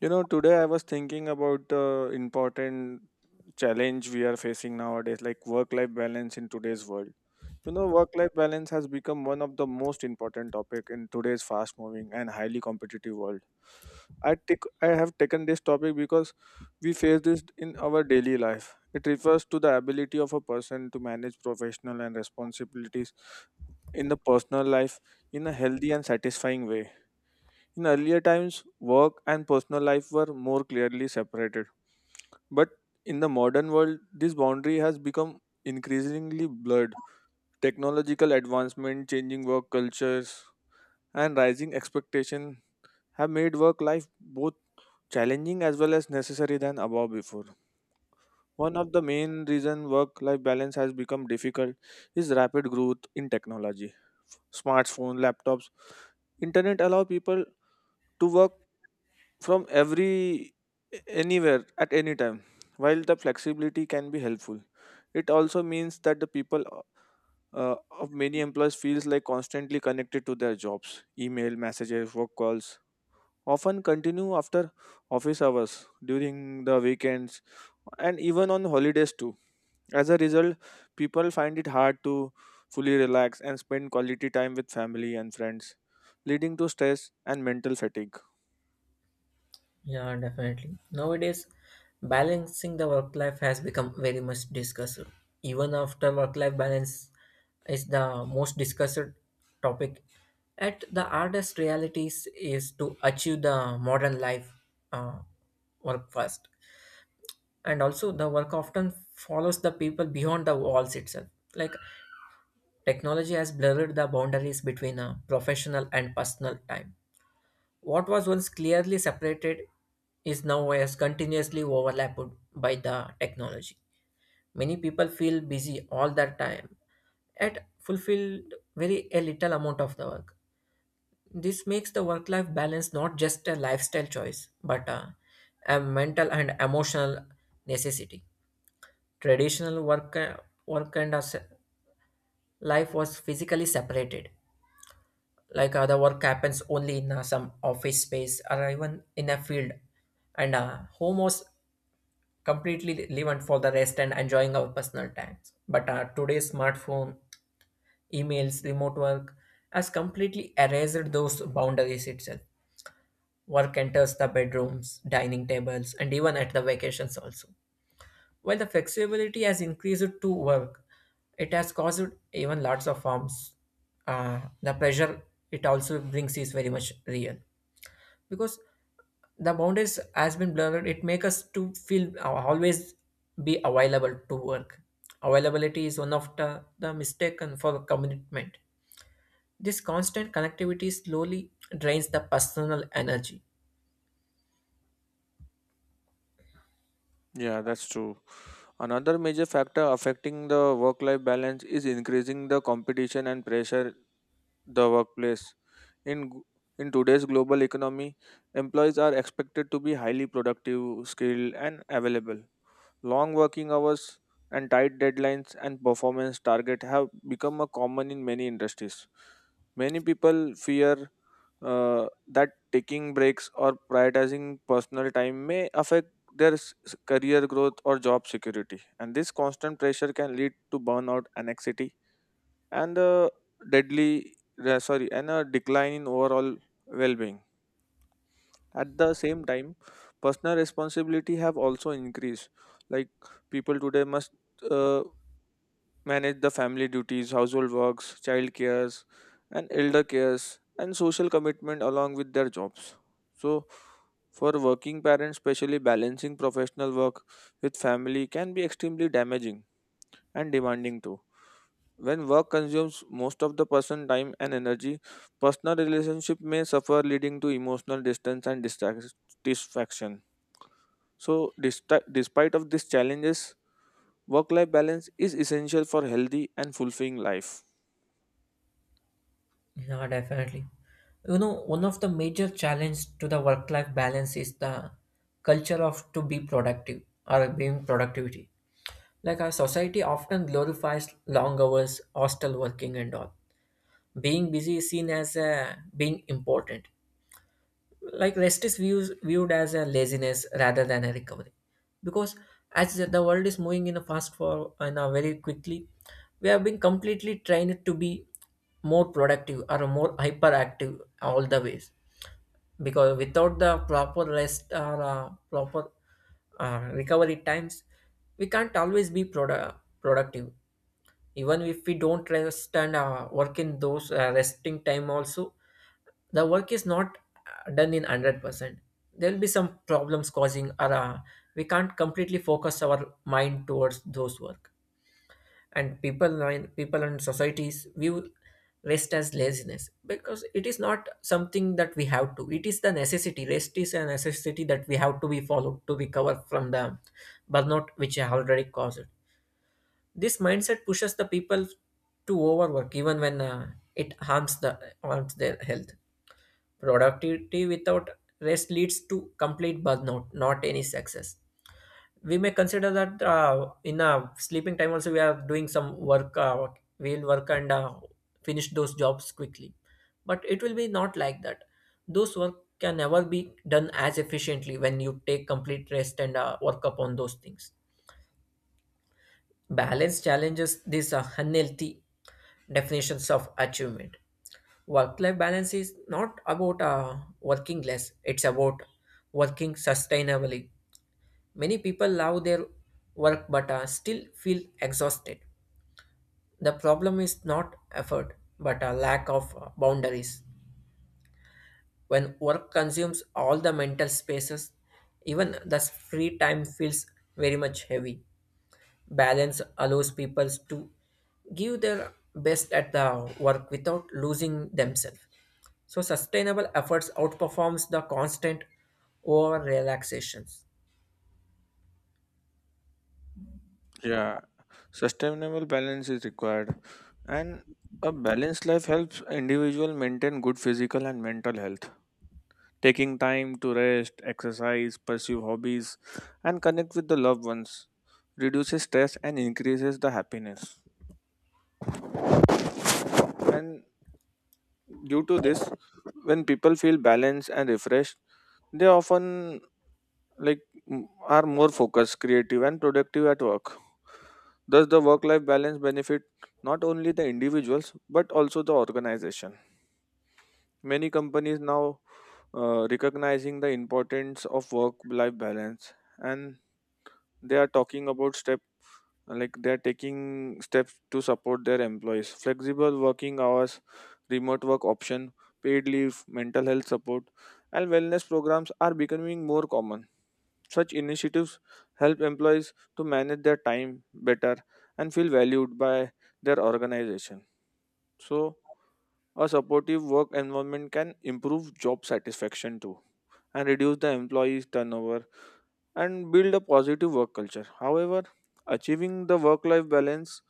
You know, today I was thinking about the important challenge we are facing nowadays, like work life balance in today's world. You know, work life balance has become one of the most important topic in today's fast moving and highly competitive world. I have taken this topic because we face this in our daily life. It refers to the ability of a person to manage professional and responsibilities in the personal life in a healthy and satisfying way. In earlier times, work and personal life were more clearly separated. But in the modern world, this boundary has become increasingly blurred. Technological advancement, changing work cultures, and rising expectation have made work life both challenging as well as necessary than above before. One of the main reason work life balance has become difficult is rapid growth in technology. Smartphone, laptops, internet allow people to work from every anywhere at any time. While the flexibility can be helpful, it also means that the people of many employees feels like constantly connected to their jobs. Email, messages, work calls often continue after office hours, during the weekends, and even on holidays too. As a result, people find it hard to fully relax and spend quality time with family and friends, leading to stress and mental fatigue. Yeah, definitely. Nowadays, balancing the work life has become very much discussed. Even after work life balance is the most discussed topic. At the hardest realities is to achieve the modern life uh, work first. And also, the work often follows the people beyond the walls itself. Like technology has blurred the boundaries between professional and personal time, what was once clearly separated is now as continuously overlapped by the technology. Many people feel busy all the time and fulfill very a little amount of the work. This makes the work life balance not just a lifestyle choice but a mental and emotional necessity. Traditional work and us- life was physically separated, like the work happens only in some office space or even in a field, and home was completely relevant for the rest and enjoying our personal times. But today's smartphone, emails, remote work has completely erased those boundaries itself. Work enters the bedrooms, dining tables, and even at the vacations also. While the flexibility has increased to work, it has caused even lots of harms. Uh, the pressure it also brings is very much real, because the boundaries has been blurred it makes us to feel always be available to work. Availability is one of the mistaken for commitment. This constant connectivity slowly drains the personal energy. Yeah, that's true. Another major factor affecting the work life balance is increasing the competition and pressure the workplace. In g- in today's global economy, employees are expected to be highly productive, skilled and available. Long working hours and tight deadlines and performance target have become a common in many industries. Many people fear that taking breaks or prioritizing personal time may affect their career growth or job security. And this constant pressure can lead to burnout, anxiety, and deadly, and a decline in overall well-being. At the same time, personal responsibility have also increased, like people today must uh, manage the family duties, household works, child cares, and elder cares, and social commitment along with their jobs. So for working parents, especially balancing professional work with family can be extremely damaging and demanding too. When work consumes most of the person time and energy, personal relationship may suffer, leading to emotional distance and dissatisfaction. So despite of these challenges, work life balance is essential for healthy and fulfilling life. Yeah, definitely. You know, one of the major challenge to the work life balance is the culture of to be productive or being productivity. Like our society often glorifies long hours, hostile working, and all. Being busy is seen as being important, like rest viewed as a laziness rather than a recovery. Because as the world is moving in a fast forward and a very quickly, we have been completely trained to be more productive or more hyperactive all the ways. Because without the proper rest or proper recovery times, we can't always be productive. Even if we don't rest and work in those resting time also, the work is not done in 100%. There will be some problems causing, or we can't completely focus our mind towards those work. And people and societies view rest as laziness, because it is not something that we have to, it is the necessity. Rest is a necessity that we have to be followed to recover from the burnout which I already caused. This mindset pushes the people to overwork even when it harms their health. Productivity without rest leads to complete burnout, not any success. We may consider that in sleeping time also we are doing some work, we'll work and finish those jobs quickly. But it will be not like that. Those work can never be done as efficiently when you take complete rest and work upon those things. Balance challenges, these are unhealthy definitions of achievement. Work life balance is not about working less, it's about working sustainably. Many people love their work, but still feel exhausted. The problem is not effort but a lack of boundaries. When work consumes all the mental spaces, even the free time feels very much heavy. Balance allows people to give their best at the work without losing themselves. So sustainable efforts outperforms the constant over relaxations. Yeah, sustainable balance is required, and a balanced life helps individual maintain good physical and mental health. Taking time to rest, exercise, pursue hobbies, and connect with the loved ones reduces stress and increases the happiness. And due to this, when people feel balanced and refreshed, they often, like, are more focused, creative, and productive at work. Thus, the work-life balance benefit not only the individuals but also the organization. Many companies now recognizing the importance of work-life balance, and they are talking about step they are taking steps to support their employees: flexible working hours, remote work option, paid leave, mental health support, and wellness programs are becoming more common. Such initiatives help employees to manage their time better and feel valued by their organization. So a supportive work environment can improve job satisfaction too, and reduce the employees turnover, and build a positive work culture. However, achieving the work life balance,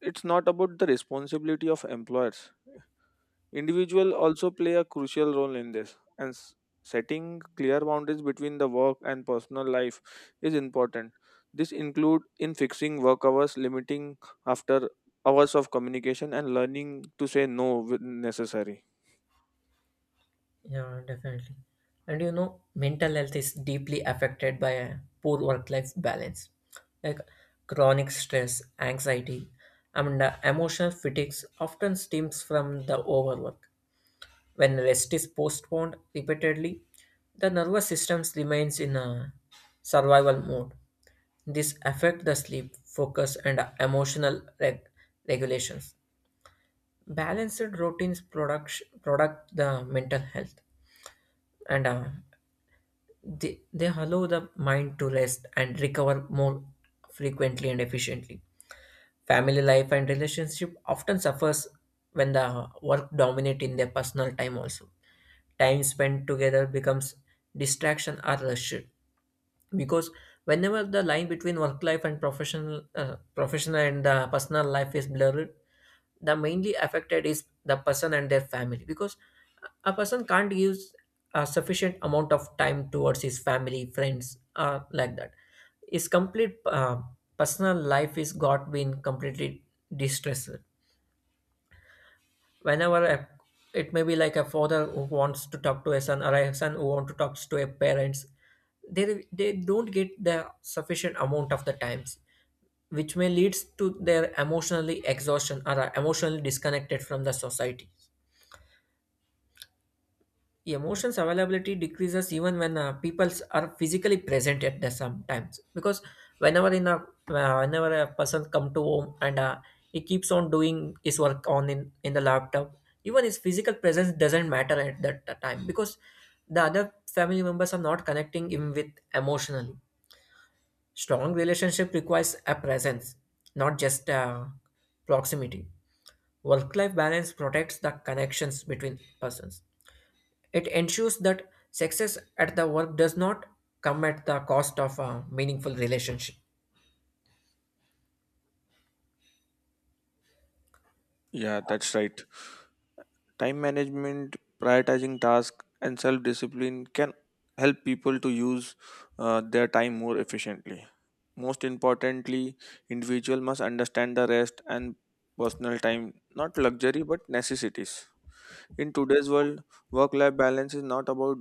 it's not about the responsibility of employers. Individual also play a crucial role in this, and setting clear boundaries between the work and personal life is important. This include in fixing work hours, limiting after hours of communication, and learning to say no when necessary. Yeah, definitely. And you know, mental health is deeply affected by a poor work-life balance, like chronic stress, anxiety, and emotional fatigues often stems from the overwork. When rest is postponed repeatedly, the nervous system remains in a survival mode. This affects the sleep, focus, and emotional regulations. Balanced routines product the mental health, and they allow the mind to rest and recover more frequently and efficiently. Family life and relationship often suffers when the work dominate in their personal time also. Time spent together becomes distraction or rush, because whenever the line between work life and professional and personal life is blurred, the mainly affected is the person and their family. Because a person can't use a sufficient amount of time towards his family, friends, like that. His complete personal life is got been completely distressed. Whenever it may be like a father who wants to talk to a son, or a son who want to talk to a parents, they don't get the sufficient amount of the times, which may leads to their emotionally exhaustion or are emotionally disconnected from the society. Emotions availability decreases even when people are physically present at the sometimes. Because whenever a person come to home and he keeps on doing his work on in the laptop, even his physical presence doesn't matter at that time, because the other family members are not connecting him with emotionally. Strong relationship requires a presence, not just proximity. Work life balance protects the connections between persons. It ensures that success at the work does not come at the cost of a meaningful relationship. Yeah, that's right. Time management, prioritizing tasks, and self discipline can help people to use their time more efficiently. Most importantly, individual must understand the rest and personal time, not luxury but necessities. In today's world, work-life balance is not about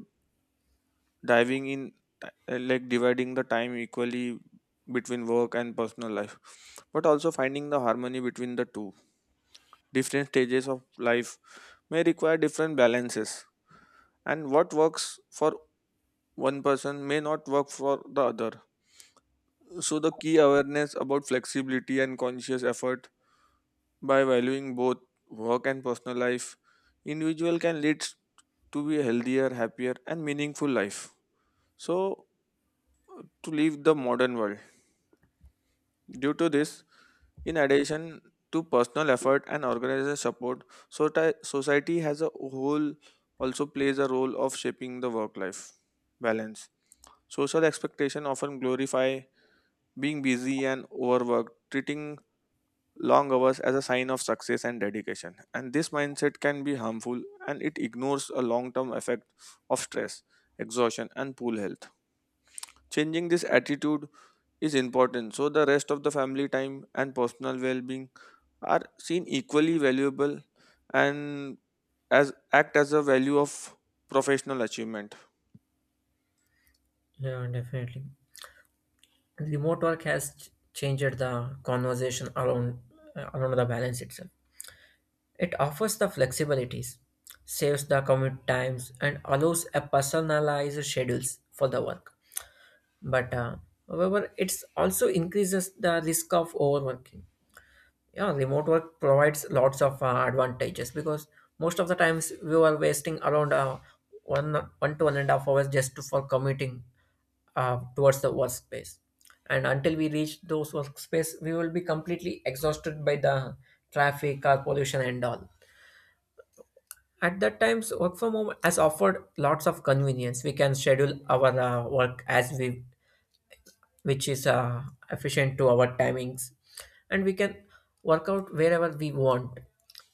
diving in, like dividing the time equally between work and personal life, but also finding the harmony between the two. Different stages of life may require different balances, and what works for one person may not work for the other. So, the key awareness about flexibility and conscious effort. By valuing both work and personal life, individual can lead to be a healthier, happier, and meaningful life. So, to live the modern world. Due to this, in addition to personal effort and organizational support, so society has a whole also plays a role of shaping the work life balance. Social expectation often glorify being busy and overworked, treating long hours as a sign of success and dedication. And this mindset can be harmful, and it ignores a long term effect of stress, exhaustion, and poor health. Changing this attitude is important so the rest of the family time and personal well being are seen equally valuable and as act as a value of professional achievement. Yeah, definitely. Remote work has changed the conversation around around the balance itself. It offers the flexibilities, saves the commute times, and allows a personalized schedules for the work. But however, it's also increases the risk of overworking. Yeah, remote work provides lots of advantages, because most of the times we were wasting around one to one and a half hours just for commuting towards the workspace. And until we reach those workspace, we will be completely exhausted by the traffic, car pollution, and all. At that times, work from home has offered lots of convenience. We can schedule our work as we, which is efficient to our timings, and we can work out wherever we want.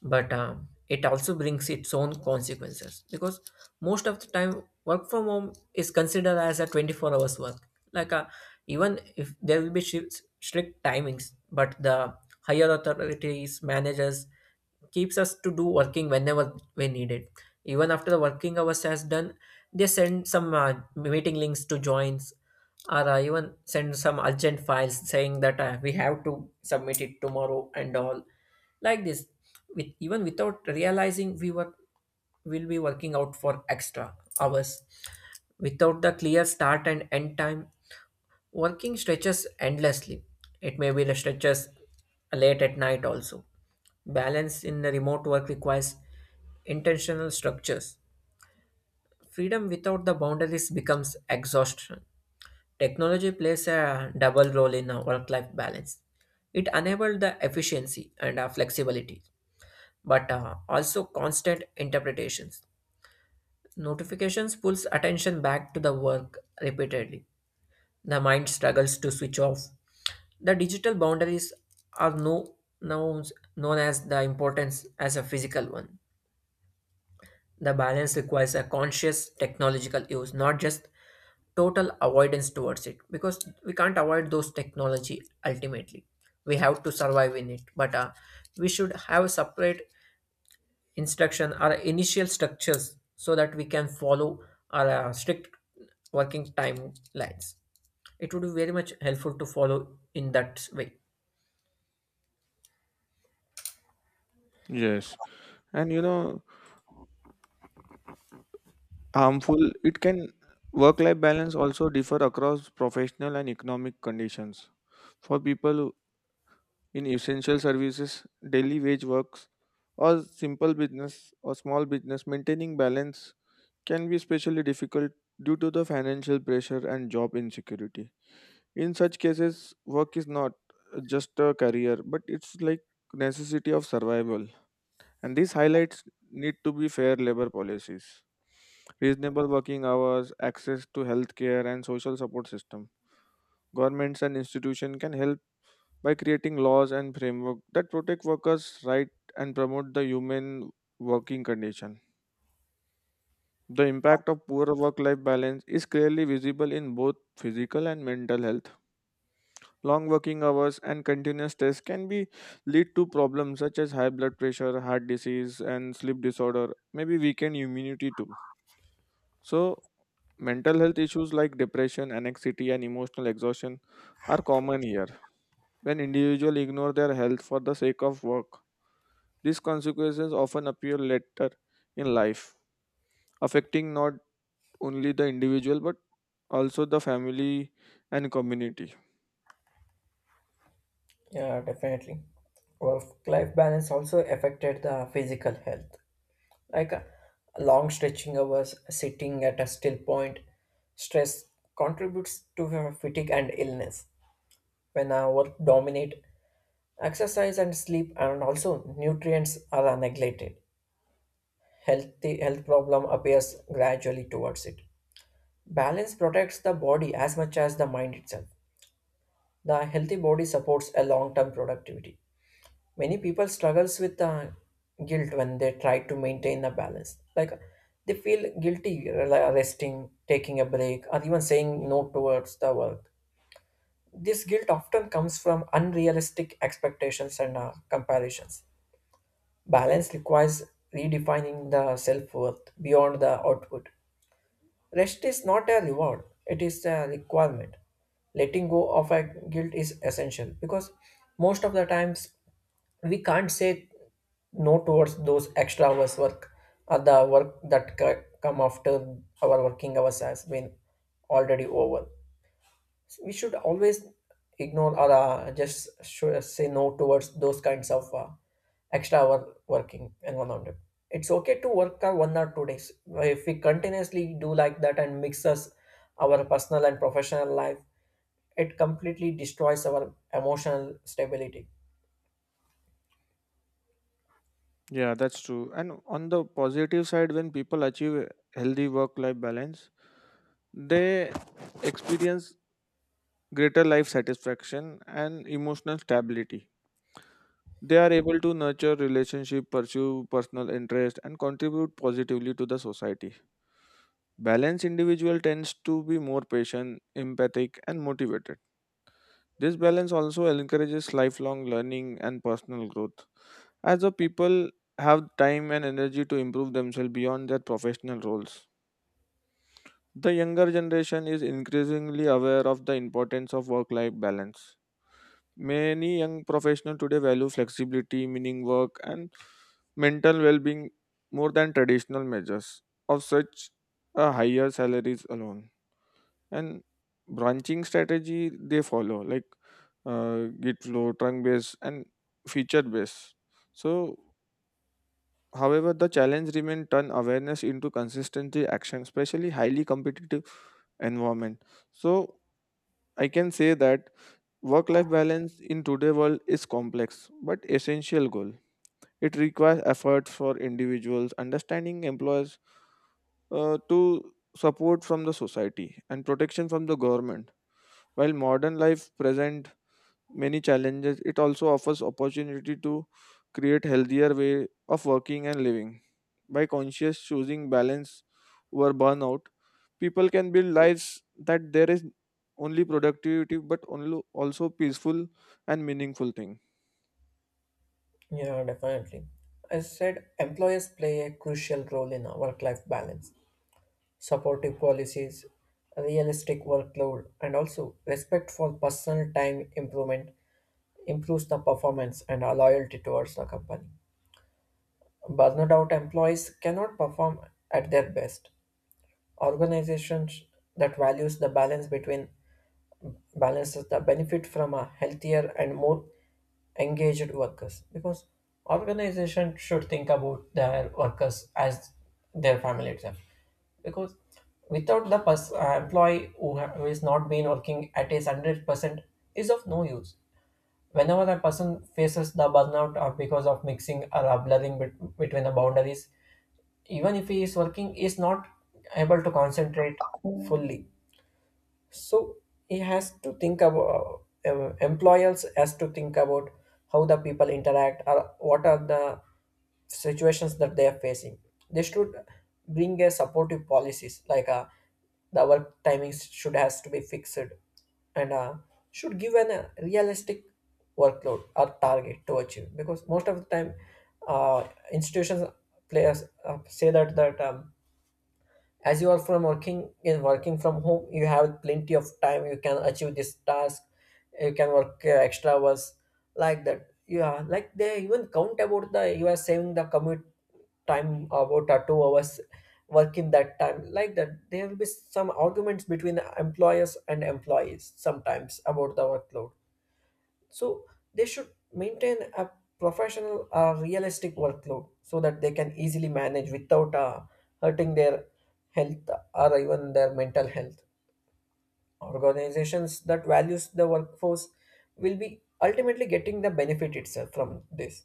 But it also brings its own consequences, because most of the time work from home is considered as a 24 hours work. Like even if there will be strict timings, but the higher authorities, managers keeps us to do working whenever we need it. Even after the working hours has done, they send some meeting links to joins, or even send some urgent files saying that we have to submit it tomorrow and all, like this. With even without realizing, we were will be working out for extra hours without the clear start and end time. Working stretches endlessly. It may be the stretches late at night also. Balance in the remote work requires intentional structures. Freedom without the boundaries becomes exhaustion. Technology plays a double role in a work-life balance. It enabled the efficiency and flexibility, but also constant interpretations. Notifications pulls attention back to the work repeatedly. The mind struggles to switch off. The digital boundaries are no, now known as the importance as a physical one. The balance requires a conscious technological use, not just total avoidance towards it, because we can't avoid those technology ultimately. We have to survive in it, but we should have separate instruction or initial structures so that we can follow our strict working timelines. It would be very much helpful to follow in that way. Yes. And you know, harmful it can, work life balance also differ across professional and economic conditions. For people in essential services, daily wage works, or simple business or small business, maintaining balance can be especially difficult due to the financial pressure and job insecurity. In such cases, work is not just a career but it's like necessity of survival, and these highlights need to be fair labor policies, reasonable working hours, access to healthcare and social support system. Governments and institutions can help by creating laws and framework that protect workers' right and promote the human working condition. The impact of poor work life balance is clearly visible in both physical and mental health. Long working hours and continuous stress can be lead to problems such as high blood pressure, heart disease, and sleep disorder, maybe weakened immunity too. So, mental health issues like depression, anxiety, and emotional exhaustion are common here. When individuals ignore their health for the sake of work, these consequences often appear later in life, affecting not only the individual but also the family and community. Yeah, definitely. Work-life balance also affected the physical health. Like long stretching hours, sitting at a still point, stress contributes to fatigue and illness. When our work dominate, exercise and sleep and also nutrients are neglected. Healthy health problem appears gradually towards it. Balance protects the body as much as the mind itself. The healthy body supports a long-term productivity. Many people struggles with guilt when they try to maintain a balance, like they feel guilty like resting, taking a break, or even saying no towards the work. This guilt often comes from unrealistic expectations and comparisons. Balance requires redefining the self-worth beyond the output. Rest is not a reward, it is a requirement. Letting go of a guilt is essential, because most of the times we can't say no towards those extra hours work, or the work that come after our working hours has been already over. We should always ignore, or just should say no towards those kinds of extra hour working environment. It's okay to work our one or two days. If we continuously do like that and mixes our personal and professional life, it completely destroys our emotional stability. Yeah, that's true. And on the positive side, when people achieve a healthy work life balance, they experience greater life satisfaction and emotional stability. They are able to nurture relationship, pursue personal interest, and contribute positively to the society. Balanced individual tends to be more patient, empathic, and motivated. This balance also encourages lifelong learning and personal growth, as the people have time and energy to improve themselves beyond their professional roles. The younger generation is increasingly aware of the importance of work life balance. Many young professionals today value flexibility, meaning work, and mental well being more than traditional measures of such a higher salaries alone, and branching strategy they follow, like git flow, trunk based, and feature based. So however, the challenge remains turn awareness into consistency action, especially highly competitive environment. So I can say that work life balance in today world is complex but essential goal. It requires effort for individuals, understanding employers, to support from the society, and protection from the government. While modern life present many challenges, it also offers opportunity to create healthier way of working and living. By conscious choosing balance over burnout, people can build lives that there is only productivity but only also peaceful and meaningful thing. Yeah, definitely. I said employers play a crucial role in work life balance. Supportive policies, realistic workload, and also respect for personal time improvement improves the performance and our loyalty towards the company. Burned out employees cannot perform at their best. Organizations that values the balance between balances the benefit from a healthier and more engaged workers because organization should think about their workers as their family itself because without the employee who is not been working at his 100% is of no use. Whenever a person faces the burnout or because of mixing or a blurring between the boundaries, even if he is working he is not able to concentrate fully. So he has to think about, employers has to think about how the people interact or what are the situations that they are facing. They should bring a supportive policies like, the work timings should has to be fixed, and should give an realistic workload or target to achieve, because most of the time, uh, institutions players say that as you are from working in working from home you have plenty of time, you can achieve this task, you can work extra hours like that. Yeah, like they even count about the you are saving the commute time about 2 hours working that time, like that there will be some arguments between employers and employees sometimes about the workload. So they should maintain a professional or realistic workload so that they can easily manage without hurting their health or even their mental health. Organizations that values the workforce will be ultimately getting the benefit itself from this.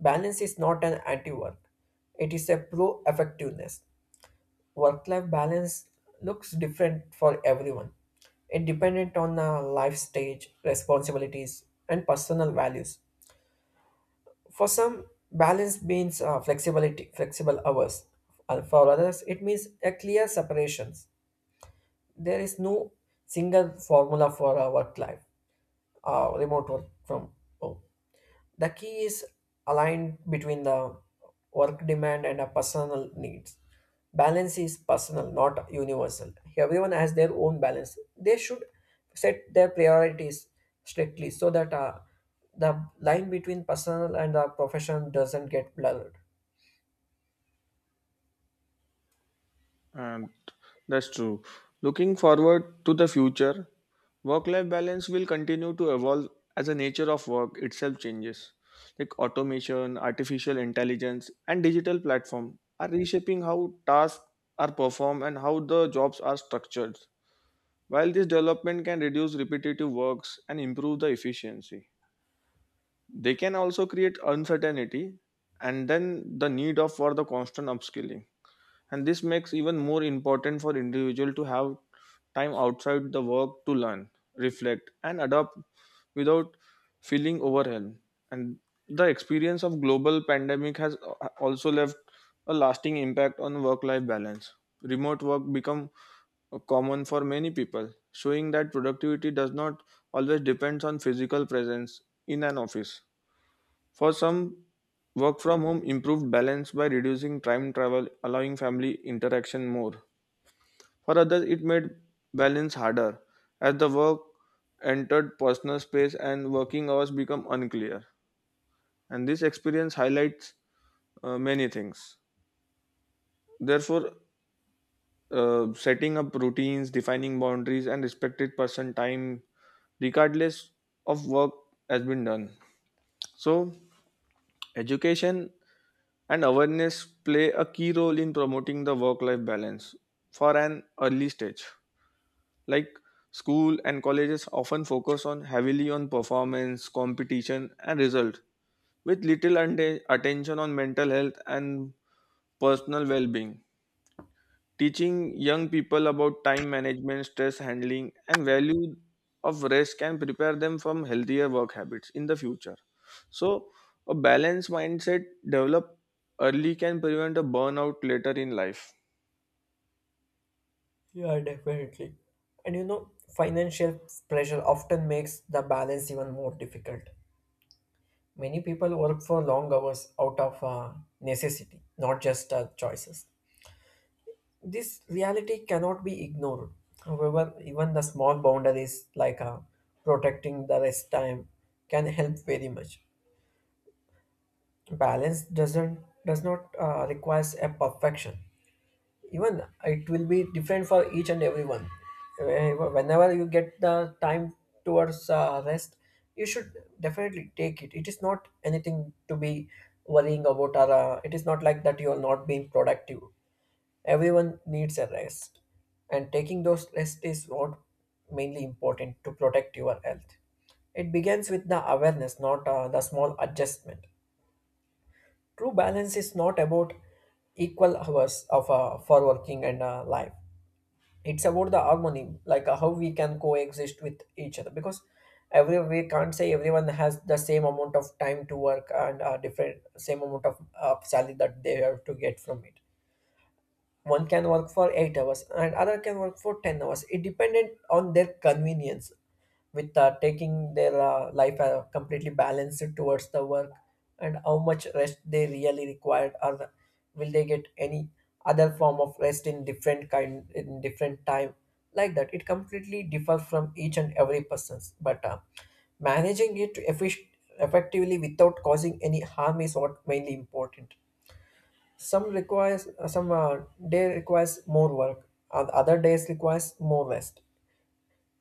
Balance is not an anti-work. It is a pro-effectiveness. Work-life balance looks different for everyone. It dependent on life stage, responsibilities, and personal values. For some, balance means flexibility, flexible hours. And for others, it means a clear separations. There is no single formula for our work life, remote work from home. The key is aligned between the work demand and a personal needs. Balance is personal, not universal. Everyone has their own balance. They should set their priorities strictly, so that the line between personal and the profession doesn't get blurred. And that's true. Looking forward to the future, work life balance will continue to evolve as the nature of work itself changes. Like automation, artificial intelligence, and digital platform are reshaping how tasks are performed and how the jobs are structured. While this development can reduce repetitive works and improve the efficiency, they can also create uncertainty and then the need of for the constant upskilling, and this makes even more important for individual to have time outside the work to learn, reflect, and adapt without feeling overwhelmed. And the experience of global pandemic has also left a lasting impact on work life balance. Remote work become common for many people, showing that productivity does not always depends on physical presence in an office. For some, work from home improved balance by reducing time travel, allowing family interaction more. For others, it made balance harder as the work entered personal space and working hours become unclear. And this experience highlights many things. Therefore, setting up routines, defining boundaries, and respected person time, regardless of work, has been done. So, education and awareness play a key role in promoting the work life balance for an early stage, like school and colleges often focus on heavily on performance competition and result, with little attention on mental health and personal well being. Teaching young people about time management, stress handling, and value of rest can prepare them from healthier work habits in the future. So, a balanced mindset developed early can prevent a burnout later in life. Yeah, definitely. And you know, financial pressure often makes the balance even more difficult. Many people work for long hours out of necessity, not just choices. This reality cannot be ignored. However, even the small boundaries like, protecting the rest time can help very much. Balance does not requires a perfection. Even it will be different for each and everyone. Whenever you get the time towards rest, you should definitely take it. It is not anything to be worrying about, or it is not like that you are not being productive. Everyone needs a rest, and taking those rest is what mainly important to protect your health. It begins with the awareness, not the small adjustment. True balance is not about equal hours of for working and life. It's about the harmony, like how we can coexist with each other. Because every, we can't say everyone has the same amount of time to work and different same amount of salary that they have to get from it. One can work for 8 hours and other can work for 10 hours. It depended on their convenience with taking their life completely balanced towards the work, and how much rest they really required, or will they get any other form of rest in different kind in different time. Like that, it completely differs from each and every person's, but managing it effectively without causing any harm is what mainly important. Some requires some day requires more work and other days requires more rest.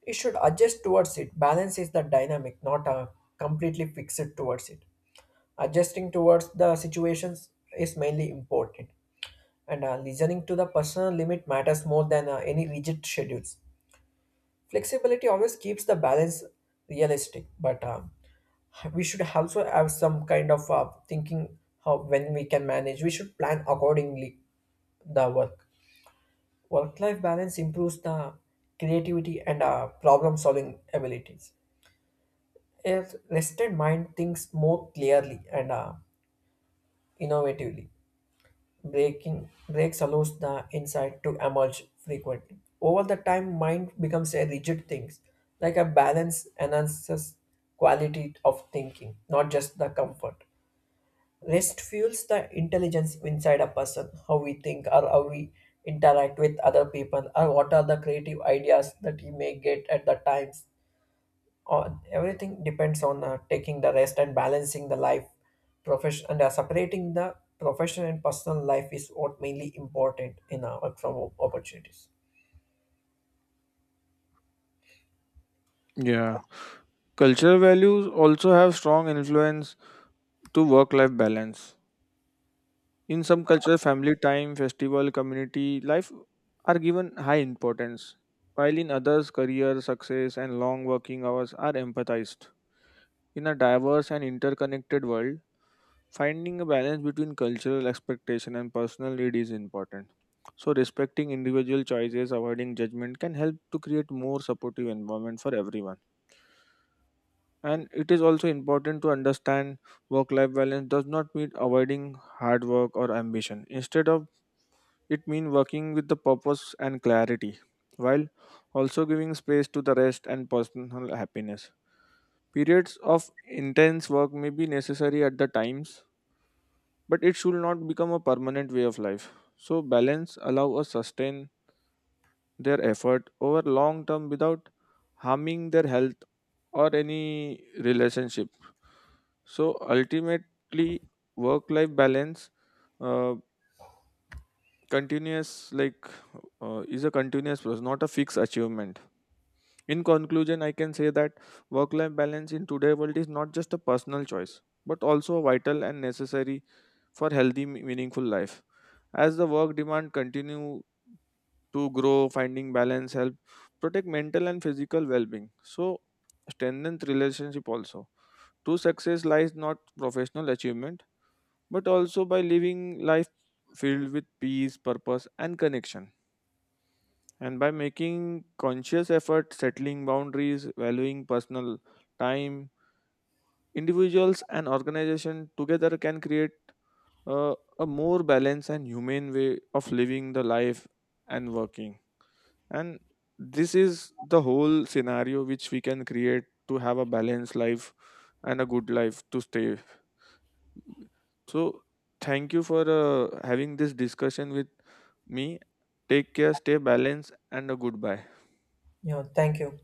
You should adjust towards it. Balance is the dynamic, not a completely fixed towards it. Adjusting towards the situations is mainly important, and listening to the personal limit matters more than any rigid schedules. Flexibility always keeps the balance realistic, but we should also have some kind of thinking how when we can manage we should plan accordingly the work. Work life balance improves the creativity and problem solving abilities. A rested mind thinks more clearly and innovatively. Breaking breaks allows the insight to emerge frequently. Over the time, mind becomes a rigid thing, like a balance enhances quality of thinking, not just the comfort. Rest fuels the intelligence inside a person, how we think or how we interact with other people, or what are the creative ideas that he may get at the times. On everything depends on taking the rest and balancing the life, profession, and separating the professional and personal life is what mainly important in our work from home opportunities. Yeah. Cultural values also have strong influence to work life balance. In some cultures, family time, festival, community life are given high importance, while in others, career, success, and long working hours are empathized. In a diverse and interconnected world, finding a balance between cultural expectation and personal need is important. So, respecting individual choices, avoiding judgment can help to create more supportive environment for everyone. And it is also important to understand work-life balance does not mean avoiding hard work or ambition. Instead of it, means working with the purpose and clarity, while also giving space to the rest and personal happiness. Periods of intense work may be necessary at the times, but it should not become a permanent way of life. So balance allow us sustain their effort over long term without harming their health or any relationship. So ultimately, work life balance, uh, continuous like is a continuous process, not a fixed achievement. In conclusion, I can say that work life balance in today's world is not just a personal choice but also vital and necessary for healthy meaningful life. As the work demand continue to grow, finding balance, help protect mental and physical well-being. So strengthen relationship also. True success lies not professional achievement, but also by living life filled with peace, purpose, and connection. And by making conscious effort, settling boundaries, valuing personal time, individuals and organization together can create uh, a more balanced and humane way of living the life and working. And this is the whole scenario which we can create to have a balanced life and a good life to stay. So thank you for having this discussion with me. Take care, stay balanced, and a goodbye. Yeah, thank you.